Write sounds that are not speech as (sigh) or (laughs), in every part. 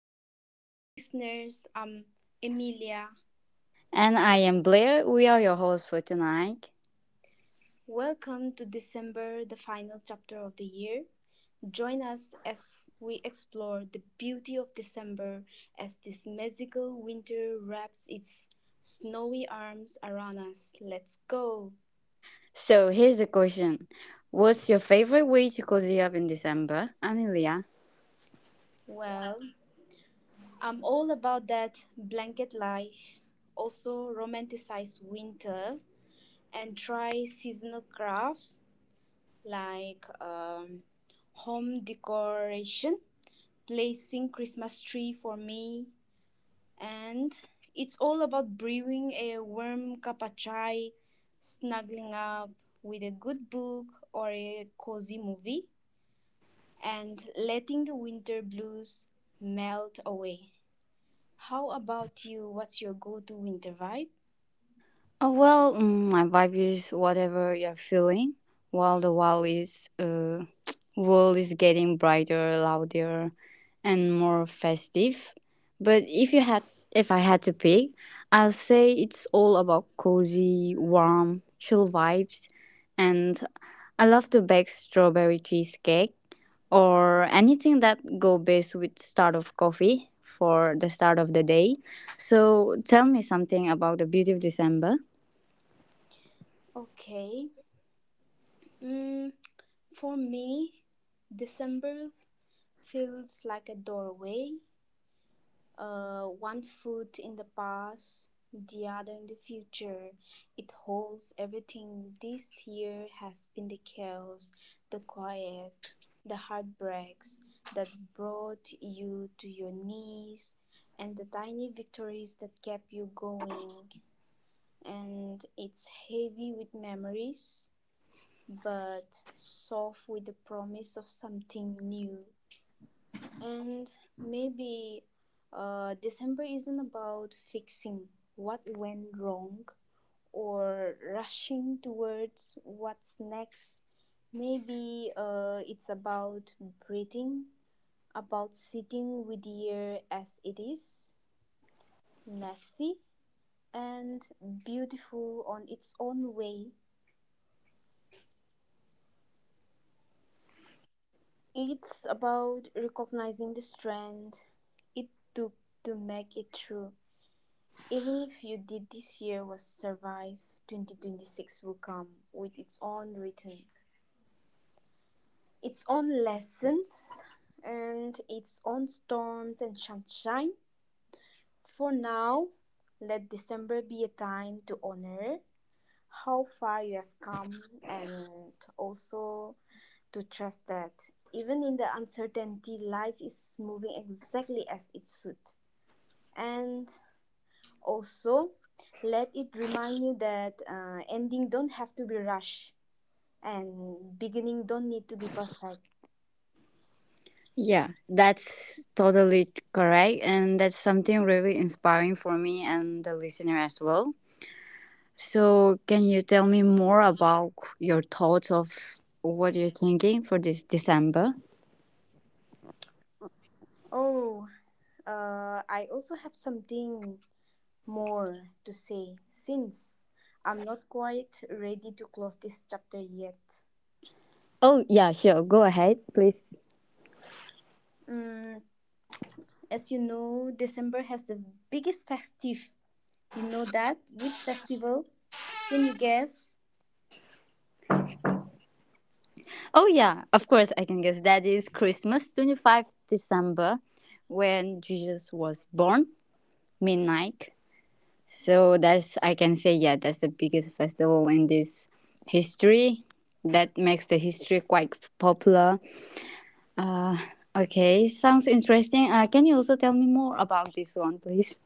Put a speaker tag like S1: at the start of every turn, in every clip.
S1: there, awesome listeners. I'm Emilia.
S2: And I am Blair. We are your hosts for tonight.
S1: Welcome to December, the final chapter of the year. Join us as we explore the beauty of December as this magical winter wraps its snowy arms around us. Let's go.
S2: So here's the question. What's your favorite way to cozy up in December? Amelia.
S1: Well, I'm all about that blanket life, also romanticize winter and try seasonal crafts like home decoration, placing Christmas tree for me, and it's all about brewing a warm cup of chai, snuggling up with a good book or a cozy movie, and letting the winter blues melt away. How about you? What's your go-to winter vibe?
S2: My vibe is whatever you're feeling, while the world is (tsk) world is getting brighter, louder, and more festive. But if you had, If I had to pick, I'll say it's all about cozy, warm, chill vibes, and I love to bake strawberry cheesecake or anything that go best with start of coffee for the start of the day. So tell me something about the beauty of December.
S1: Okay. Mm, for me, December feels like a doorway one foot in the past, the other in the future. It holds everything. This year has been the chaos, the quiet, the heartbreaks that brought you to your knees, and the tiny victories that kept you going. And it's heavy with memories, but soft with the promise of something new. And maybe December isn't about fixing what went wrong or rushing towards what's next. Maybe it's about breathing, about sitting with the year as it is, messy and beautiful on its own way. It's about recognizing the strength it took to make it through. Even if you did this year was survive, 2026 will come with its own rhythm, its own lessons, and its own storms and sunshine. For now, let December be a time to honor how far you have come and also to trust that even in the uncertainty, life is moving exactly as it should. And also, let it remind you that ending don't have to be rushed and beginning don't need to be perfect.
S2: Yeah, that's totally correct. And that's something really inspiring for me and the listener as well. So, can you tell me more about your thoughts of what you're thinking for this December?
S1: Oh, I also have something more to say since I'm not quite ready to close this chapter yet.
S2: Oh, yeah, sure. Go ahead, please.
S1: Mm, as you know, December has the biggest festive. You know that? Which festival? Can you guess?
S2: Oh, yeah, of course, I can guess that is Christmas, 25th December, when Jesus was born, midnight. So that's I can say, yeah, that's the biggest festival in this history. That makes the history quite popular. Uh, okay, sounds interesting. Can you also tell me more about this one, please?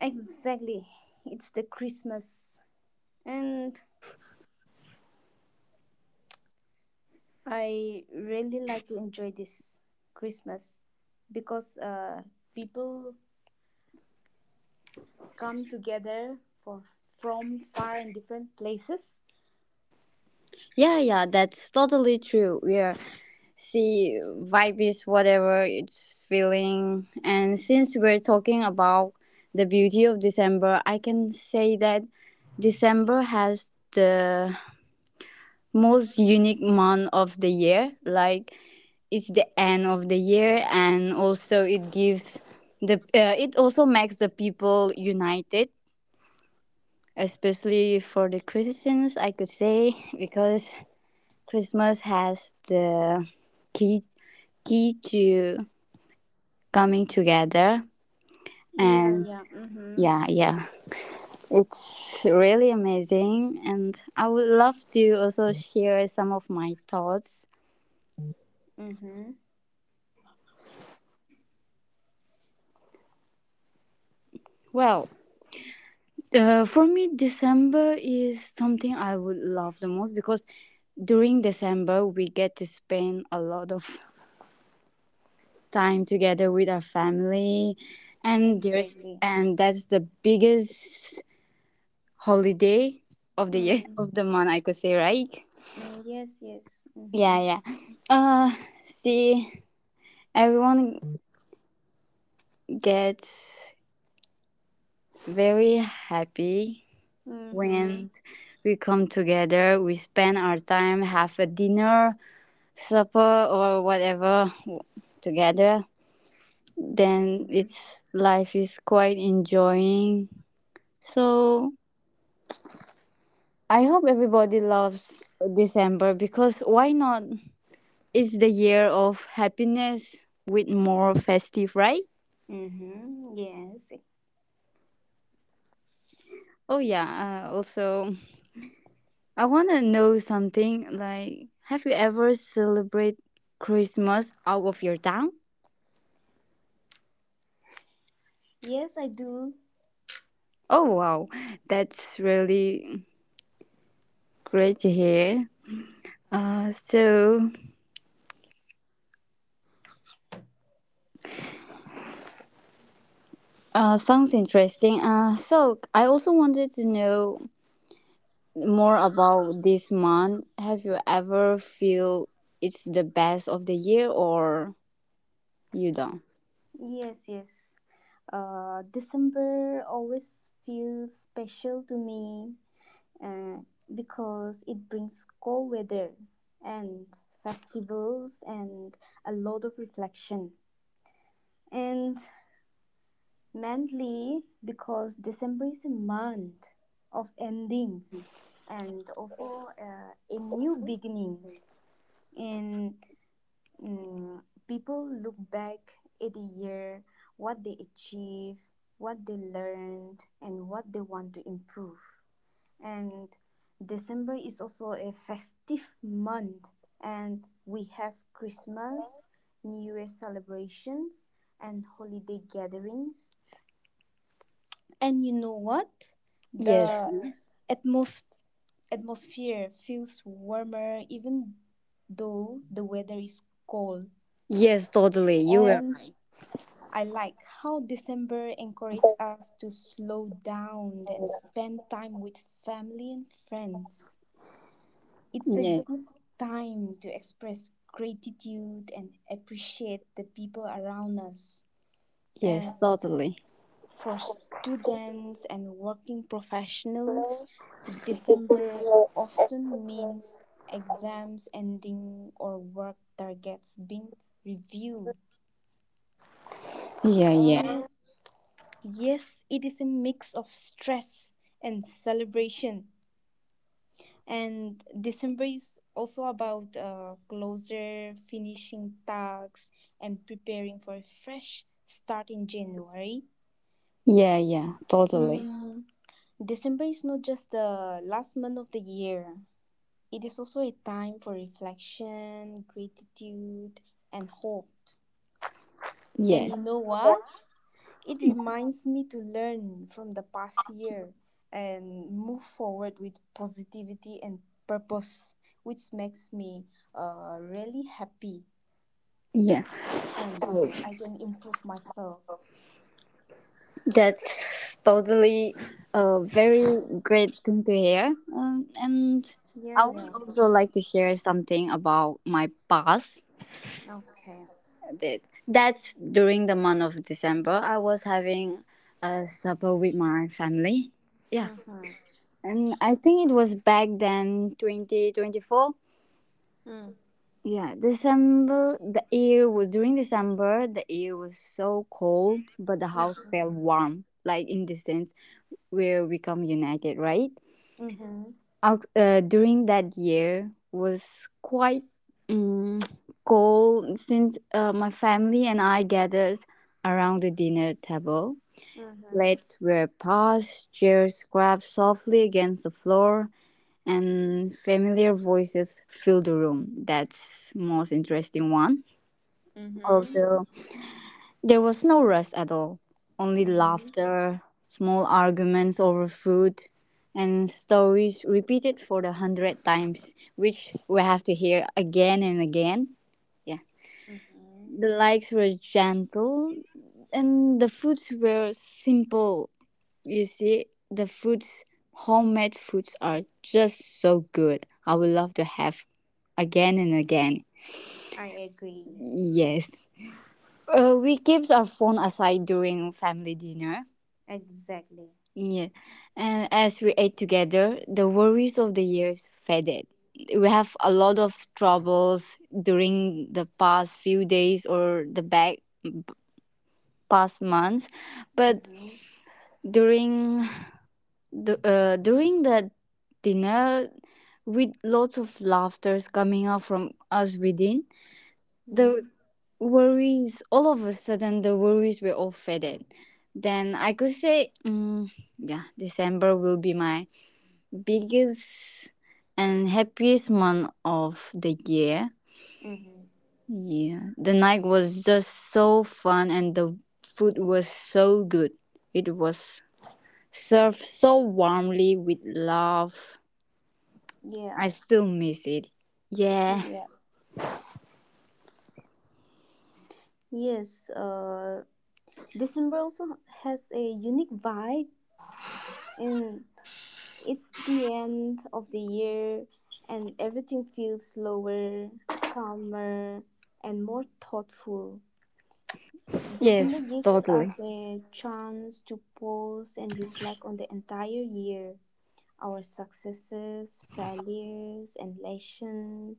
S1: Exactly. It's the Christmas. And I really like to enjoy this Christmas because people come together for from far and different places.
S2: Yeah, yeah, that's totally true. We are See, vibe is whatever it's feeling. And since we're talking about the beauty of December, I can say that December has the most unique month of the year, like it's the end of the year, and also it gives the it also makes the people united, especially for the Christians, I could say, (laughs) because Christmas has the key key to coming together,
S1: Yeah,
S2: and
S1: yeah. Mhm.
S2: yeah, yeah, it's really amazing, and I would love to also share some of my thoughts.
S1: Mhm.
S2: Well, for me, December is something I would love the most because during December we get to spend a lot of (laughs) time together with our family,
S1: Exactly.
S2: and that's the biggest holiday of the year, (laughs)
S1: Mm.
S2: of the month I could say, right?
S1: Mm, yes, yes.
S2: Yeah,
S1: Mhm.
S2: yeah. Uh, See, everyone gets very happy
S1: Mhm.
S2: when we come together. We spend our time, have a dinner, supper, or whatever together, then
S1: Mhm.
S2: it's life is quite enjoying. So I hope everybody loves December because why not, it's the year of happiness with more festive, right?
S1: Mhm. Yes.
S2: Oh yeah, also I want to know something, like have you ever celebrate Christmas out of your town?
S1: Yes, I do.
S2: Oh wow, that's really great to hear. uh, so Sounds interesting. So I also wanted to know more about this month. Have you ever feel it's the best of the year or you don't?
S1: Yes, yes. December always feels special to me uh, because it brings cold weather and festivals and a lot of reflection. And mainly because December is a month of endings and also a new beginning. And mm, people look back at the year, what they achieved, what they learned, and what they want to improve. And December is also a festive month, and we have Christmas, New Year celebrations, and holiday gatherings. And you know what?
S2: Yes.
S1: The atmos- atmosphere feels warmer even though the weather is cold.
S2: Yes, totally. You were.
S1: And I like how December encourages us to slow down and spend time with family and friends. It's a good
S2: Yes.
S1: time to express gratitude and appreciate the people around us.
S2: Yes,
S1: And
S2: totally.
S1: for students and working professionals, December often means exams ending or work targets being reviewed.
S2: Yeah,
S1: Uh,
S2: yeah.
S1: yes, it is a mix of stress and celebration. And December is also about closer finishing tasks and preparing for a fresh start in January.
S2: Yeah, yeah, totally.
S1: Mm, December is not just the last month of the year. It is also a time for reflection, gratitude, and hope. And
S2: Yes.
S1: you know what? It reminds me to learn from the past year and move forward with positivity and purpose, which makes me really happy,
S2: Yeah.
S1: and I can improve myself.
S2: That's totally a very great thing to hear. And
S1: Yeah,
S2: I would
S1: yeah.
S2: also like to share something about my past.
S1: Okay.
S2: Did. That's during the month of December. I was having a supper with my family. Yeah.
S1: Mm-hmm.
S2: And I think it was back then 2024. Yeah, December, the air was during December, the air was so cold, but the house
S1: Mm-hmm.
S2: felt warm, like in the sense where we come united, right?
S1: Mm-hmm.
S2: During that year was quite um, cold since my family and I gathered around the dinner table.
S1: Mm-hmm.
S2: Plates were passed, chairs scraped softly against the floor, and familiar voices filled the room. That's most interesting one.
S1: Mm-hmm.
S2: Also, there was no rest at all, only
S1: Mm-hmm.
S2: laughter, small arguments over food, and stories repeated for the hundred times, which we have to hear again and again. Yeah.
S1: Mm-hmm.
S2: The likes were gentle, and the foods were simple. You see, the foods, homemade foods, are just so good. I would love to have again and again.
S1: I agree.
S2: Yes. We kept our phone aside during family dinner.
S1: Exactly.
S2: Yeah. And as we ate together, the worries of the years faded. We have a lot of troubles during the past few days or the back past months, but
S1: Mm-hmm.
S2: during during the dinner with lots of laughters coming out from us within, the the worries were all faded. Then I could say, mm, yeah, December will be my biggest and happiest month of the year.
S1: Mm-hmm.
S2: Yeah, the night was just so fun and the food was so good. It was served so warmly with love.
S1: Yeah.
S2: I still miss it. Yeah.
S1: Yeah. Yes. December also has a unique vibe, and it's the end of the year, and everything feels slower, calmer, and more thoughtful. December
S2: Yes,
S1: gives
S2: totally.
S1: us a chance to pause and reflect on the entire year, our successes, failures, and lessons.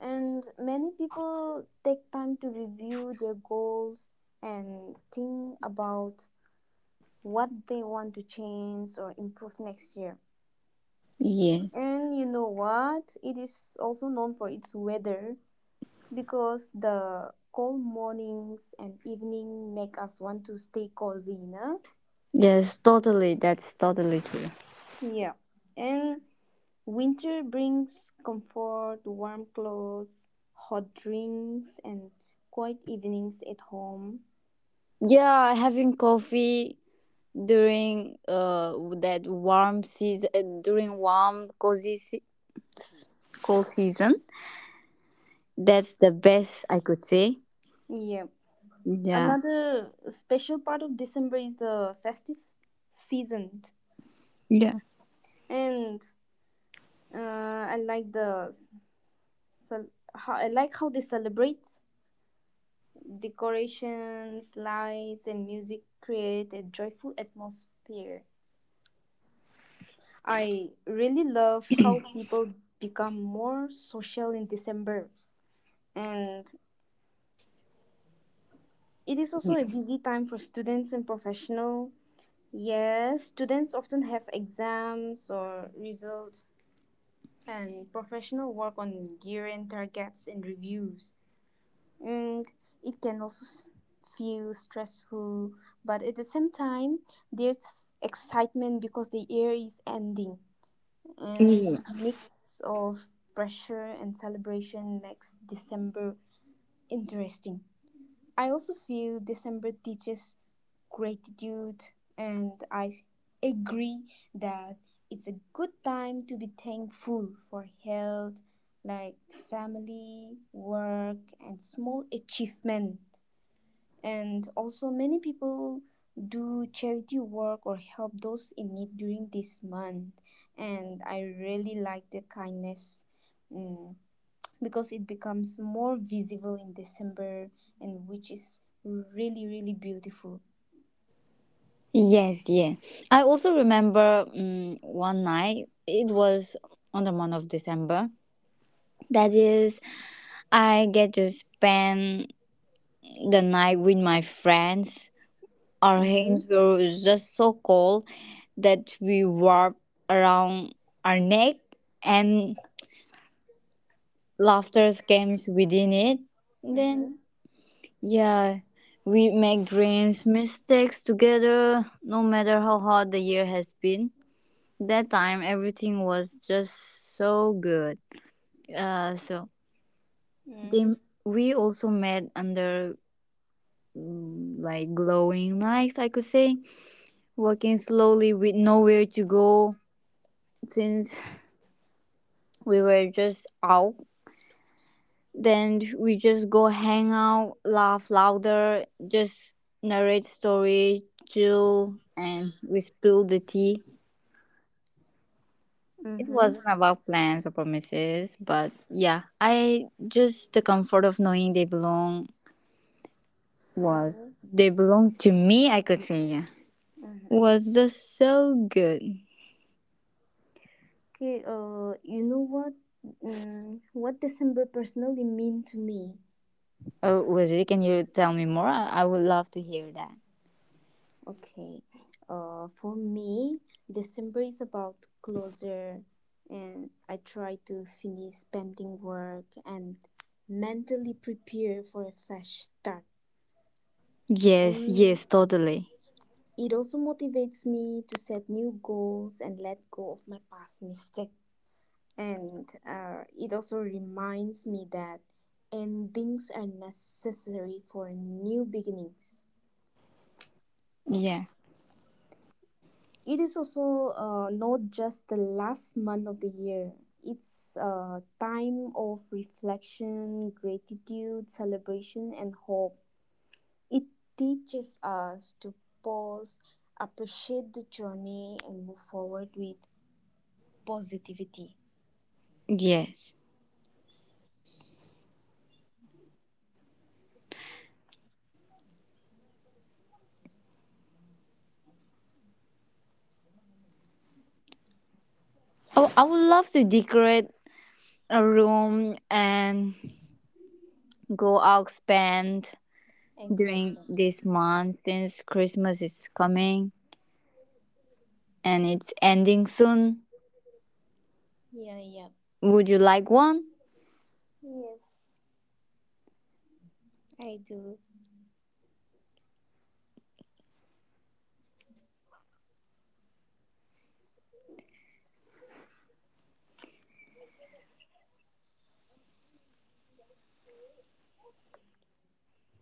S1: And many people take time to review their goals and think about what they want to change or improve next year.
S2: Yes.
S1: And you know what? It is also known for its weather because the cold mornings and evening make us want to stay cozy, no?
S2: Yes, totally. That's totally true.
S1: Yeah. And winter brings comfort, warm clothes, hot drinks, and quiet evenings at home.
S2: Yeah, having coffee during that warm season, during warm cozy se- cold season, that's the best I could say.
S1: Yeah.
S2: Yeah.
S1: Another special part of December is the festive season.
S2: Yeah.
S1: And Uh, I like the s- I like how they celebrate decorations, lights, and music create a joyful atmosphere. I really love how people become more social in December, and it is also
S2: Yeah.
S1: a busy time for students and professional. Yes, students often have exams or results, and professional work on year-end targets and reviews. And it can also feel stressful, but at the same time, there's excitement because the year is ending, and
S2: Yeah.
S1: mix of pressure and celebration makes December interesting. I also feel December teaches gratitude, and I agree that it's a good time to be thankful for health, like family, work, and small achievement. And also, many people do charity work or help those in need during this month. And I really like the kindness mm, because it becomes more visible in December, and which is really really beautiful.
S2: Yes, yeah. I also remember one night, it was on the month of December. That is, I get to spend the night with my friends. Our hands
S1: Mm-hmm.
S2: were just so cold that we warped around our neck, and laughter came within it. Then,
S1: Mm-hmm.
S2: yeah, we make dreams, mistakes together, no matter how hard the year has been. That time, everything was just so good. Uh, so they,
S1: Mm-hmm.
S2: we also met under mm, like glowing lights, I could say, walking slowly with nowhere to go since (laughs) we were just out. Then we just go hang out, laugh louder, just narrate story, chill, and we spill the tea. It wasn't about plans or promises, but yeah, I just the comfort of knowing they belong to me. I could say, yeah,
S1: Mm-hmm.
S2: was just so good.
S1: Okay, you know what? What December personally mean to me?
S2: Oh, was it? Can you tell me more? I would love to hear that.
S1: Okay. For me, December is about closure, and I try to finish pending work and mentally prepare for a fresh start.
S2: Yes,
S1: Um,
S2: yes, totally.
S1: it also motivates me to set new goals and let go of my past mistake. And it also reminds me that endings are necessary for new beginnings.
S2: Yeah,
S1: It is also not just the last month of the year. It's a time of reflection, gratitude, celebration, and hope. It teaches us to pause, appreciate the journey, and move forward with positivity.
S2: yes. Oh, I would love to decorate a room and go out spend during
S1: Exactly.
S2: this month since Christmas is coming and it's ending soon.
S1: Yeah, yeah.
S2: Would you like one?
S1: Yes, I do.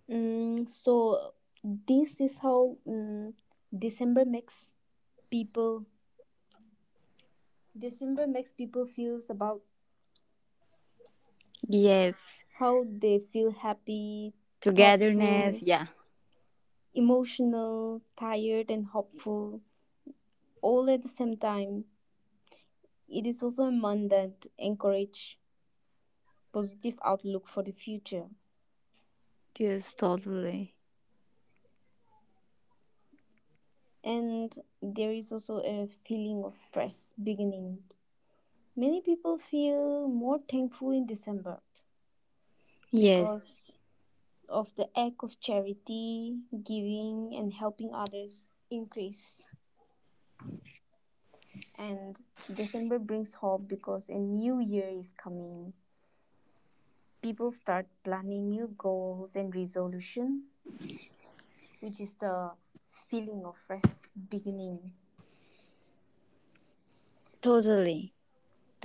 S1: So this is how December makes people December makes people feels about
S2: Yes.
S1: how they feel happy,
S2: Togetherness,
S1: thoughtful,
S2: yeah.
S1: emotional, tired, and hopeful all at the same time. It is also a month that encourage positive outlook for the future.
S2: Yes, totally.
S1: And there is also a feeling of fresh beginning. Many people feel more thankful in December
S2: Yes,
S1: because of the act of charity, giving, and helping others increase. And December brings hope because a new year is coming. People start planning new goals and resolution, which is the feeling of fresh beginning.
S2: totally.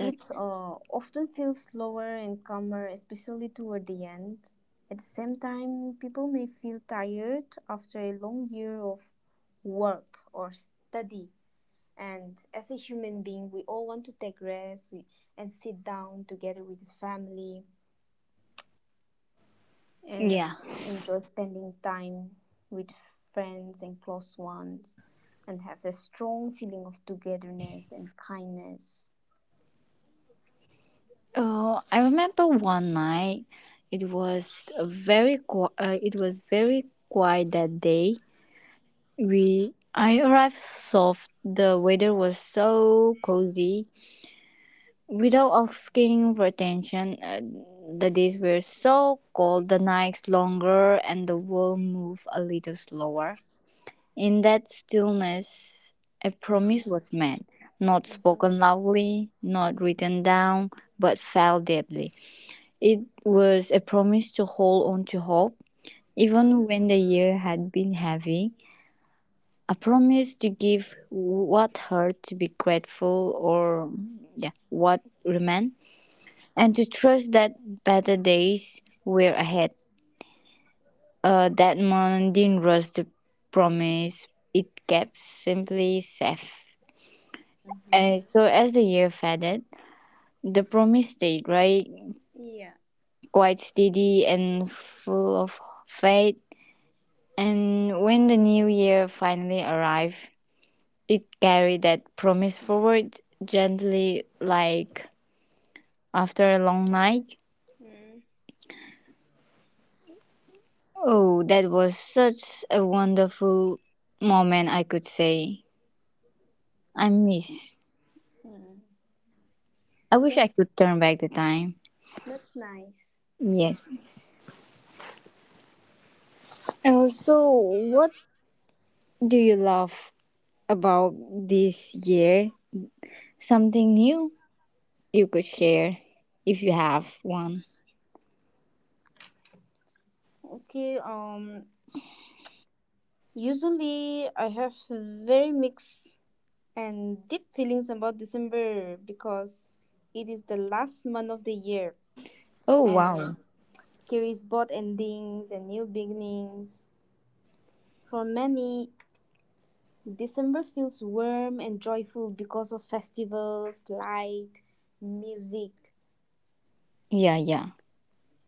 S1: It often feels slower and calmer, especially toward the end. At the same time, people may feel tired after a long year of work or study. And as a human being, we all want to take rest and sit down together with the family and
S2: yeah.
S1: enjoy spending time with friends and close ones and have a strong feeling of togetherness and kindness.
S2: Oh, I remember one night. It was very quiet that day. We I arrived soft. The weather was so cozy without asking for attention. The days were so cold, the nights longer, and the world moved a little slower. In that stillness, a promise
S1: Mm-hmm.
S2: was made, not
S1: Mm-hmm.
S2: spoken loudly, not written down, but felt deeply. It was a promise to hold on to hope,
S1: Mm-hmm.
S2: even when the year had been heavy, a promise to give what hurt to be grateful or yeah, what remained, and to trust that better days were ahead. That moment didn't rush the promise, it kept simply safe.
S1: Mm-hmm.
S2: As the year faded, the promise stayed right,
S1: Yeah.
S2: quite steady and full of faith. And when the new year finally arrived, it carried that promise forward gently, like after a long night.
S1: Mm-hmm.
S2: Oh, that was such a wonderful moment, I could say. I miss. I wish I
S1: That's
S2: could turn back the time.
S1: that's nice.
S2: Yes. And also, what do you love about this year? Something new you could share if you have one.
S1: Okay, usually I have very mixed and deep feelings about December because it is the last month of the year
S2: Oh,
S1: and
S2: wow.
S1: carries both endings and new beginnings. For many, December feels warm and joyful because of festivals, light, music,
S2: Yeah, yeah.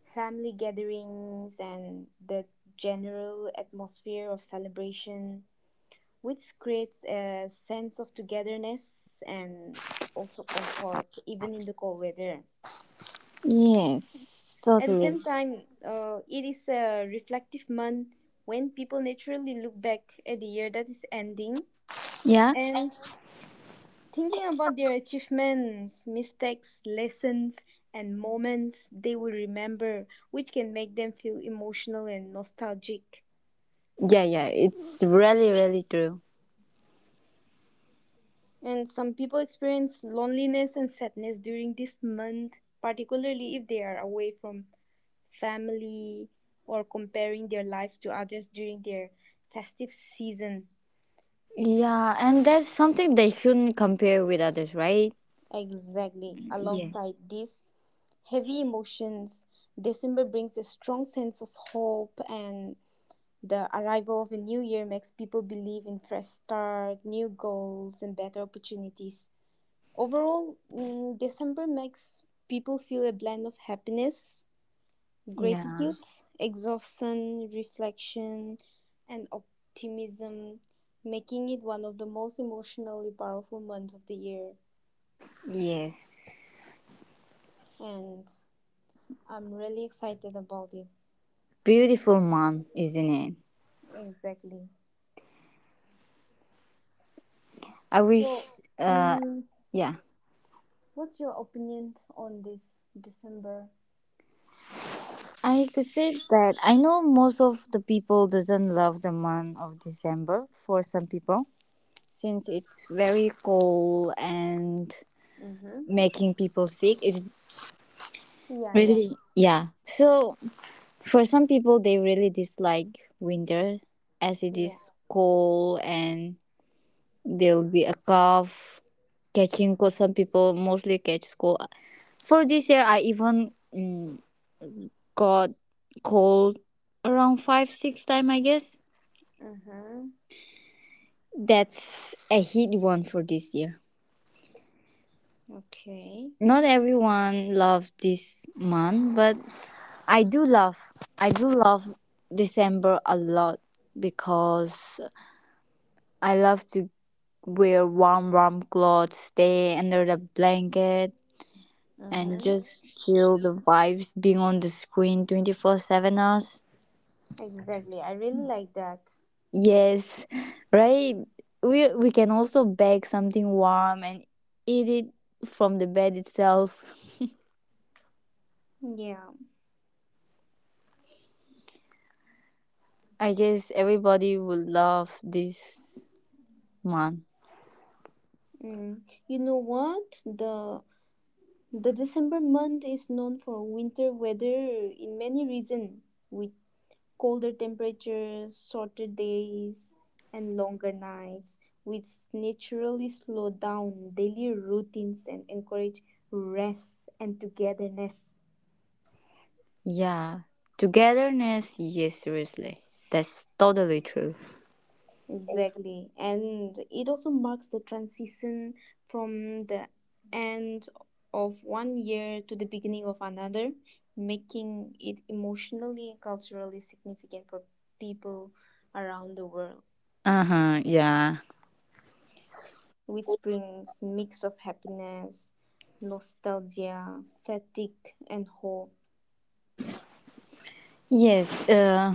S1: family gatherings, and the general atmosphere of celebration, which creates a sense of togetherness and also comfort, even in the cold weather.
S2: Yes,
S1: At the
S2: totally.
S1: same time, it is a reflective month when people naturally look back at the year that is ending
S2: Yeah?
S1: and thinking about their achievements, mistakes, lessons, and moments they will remember, which can make them feel emotional and nostalgic.
S2: Yeah, yeah. It's really, really true.
S1: And some people experience loneliness and sadness during this month, particularly if they are away from family or comparing their lives to others during their festive season.
S2: Yeah, and that's something they shouldn't compare with others, right?
S1: Exactly.
S2: Yeah.
S1: Alongside these heavy emotions, December brings a strong sense of hope, and the arrival of a new year makes people believe in fresh start, new goals, and better opportunities. Overall, December makes people feel a blend of happiness,
S2: Yeah.
S1: gratitude, exhaustion, reflection, and optimism, making it one of the most emotionally powerful months of the year.
S2: Yes,
S1: And I'm really excited about it.
S2: beautiful mom, isn't it?
S1: Exactly.
S2: I wish,
S1: So,
S2: uh,
S1: mm
S2: yeah,
S1: what's your opinion on this December?
S2: I could say that I know most of the people doesn't love the month of December for some people since it's very cold and
S1: Mm-hmm.
S2: making people sick. It's
S1: Yeah, yeah,
S2: really, yeah. So for some people, they really dislike winter as it
S1: yeah.
S2: is cold, and there'll be a calf catching cold. Some people mostly catch cold. For this year, I even mm, got cold around 5, 6 time I guess.
S1: Mhm.
S2: That's a hit one for this year.
S1: Okay.
S2: Not everyone loves this month, but I do love. I do love December a lot because I love to wear warm clothes, stay under the blanket, and
S1: Mhm.
S2: just chill the vibes being on the screen 24/7 hours.
S1: Exactly. I really like that.
S2: Yes, right, we can also bake something warm and eat it from the bed itself.
S1: Yeah.
S2: (laughs) I guess everybody will love this one.
S1: Mm. You know what? The December month is known for winter weather in many regions, with colder temperatures, shorter days, and longer nights, which naturally slow down daily routines and encourage rest and togetherness.
S2: Yeah, togetherness, yes, seriously, that's totally true.
S1: Exactly. And it also marks the transition from the end of one year to the beginning of another, making it emotionally and culturally significant for people around the world,
S2: Uh-huh, yeah.
S1: which brings mix of happiness, nostalgia, fatigue, and hope.
S2: Yes,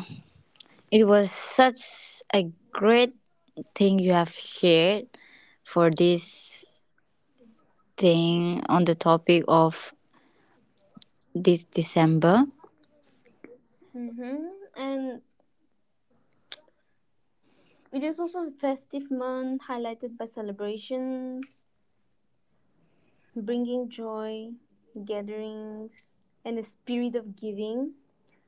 S2: it was such a great thing you have shared for this thing on the topic of this December.
S1: Mm-hmm. And it is also a festive month highlighted by celebrations, bringing joy, gatherings, and a spirit of giving.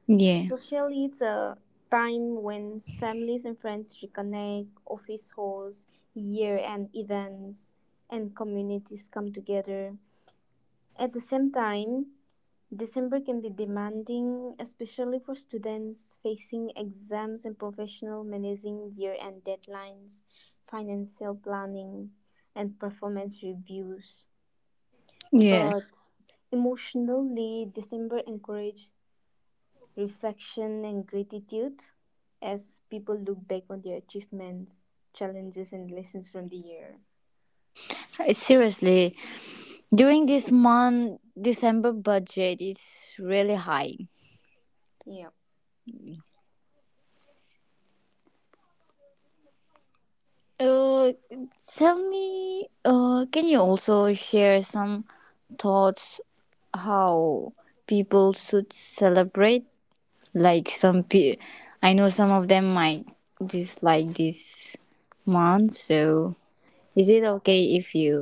S2: Yeah.
S1: Socially, it's a time when families and friends reconnect, office halls, year end events, and communities come together. At the same time, December can be demanding, especially for students facing exams and professional managing year end deadlines, financial planning, and performance reviews.
S2: Yes.
S1: But emotionally, December encourages reflection and gratitude as people look back on their achievements, challenges, and lessons from the year.
S2: I- seriously, during this month, December budget is really high.
S1: Yeah.
S2: Uh, Tell me, can you also share some thoughts how people should celebrate. Like some pe, I know some of them might dislike this month. So, is it okay if you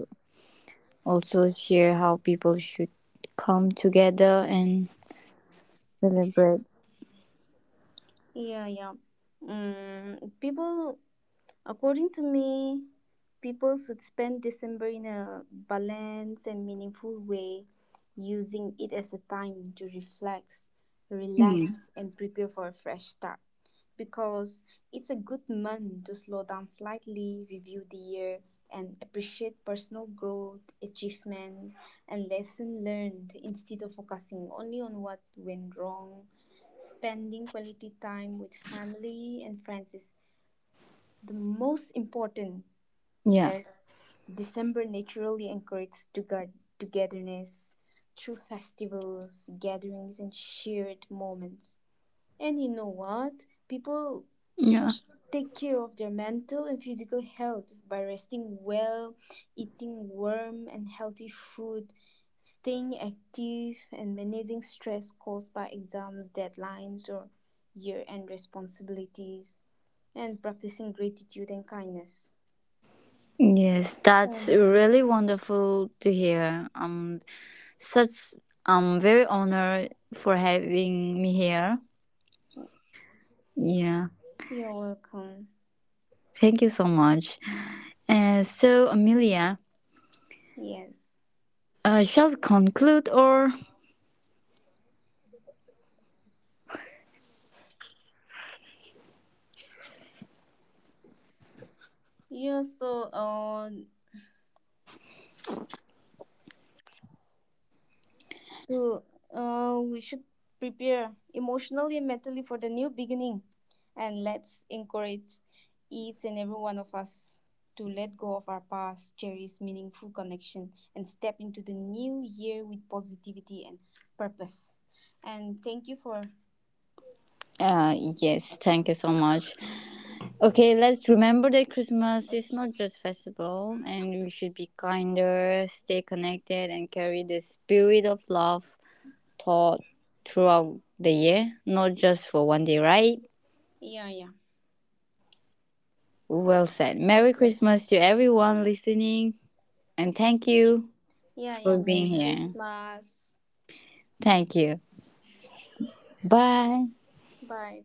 S2: also share how people should come together and celebrate?
S1: Yeah, yeah. Mm, people According to me, people should spend December in a balanced and meaningful way, using it as a time to reflect,
S2: Mm.
S1: relax, and prepare for a fresh start. Because it's a good month to slow down slightly, review the year, and appreciate personal growth, achievement, and lesson learned instead of focusing only on what went wrong. Spending quality time with family and friends is the most important,
S2: Yeah.
S1: is December naturally encourages togetherness through festivals, gatherings, and shared moments. And you know what? People
S2: Yeah.
S1: should take care of their mental and physical health by resting well, eating warm and healthy food, staying active, and managing stress caused by exams, deadlines, or year end responsibilities, and practicing gratitude and kindness.
S2: Yes, that's
S1: Um,
S2: really wonderful to hear. Such I'm very honored for having me here. Yeah,
S1: you're welcome.
S2: thank you so much. Amelia,
S1: Yes.
S2: shall we conclude or?
S1: Yeah, so to, we should prepare emotionally and mentally for the new beginning. And let's encourage each and every one of us to let go of our past, cherish meaningful connection, and step into the new year with positivity and purpose. And thank you for.
S2: Uh, yes, thank you so much. Okay, let's remember that Christmas is not just festival, and we should be kinder, stay connected, and carry the spirit of love taught throughout the year, not just for one day, right?
S1: Yeah, yeah.
S2: Well said. Merry
S1: Okay.
S2: Christmas to everyone listening, and thank you
S1: Yeah, yeah.
S2: for being
S1: Merry
S2: here.
S1: Christmas.
S2: Thank you. Bye.
S1: Bye.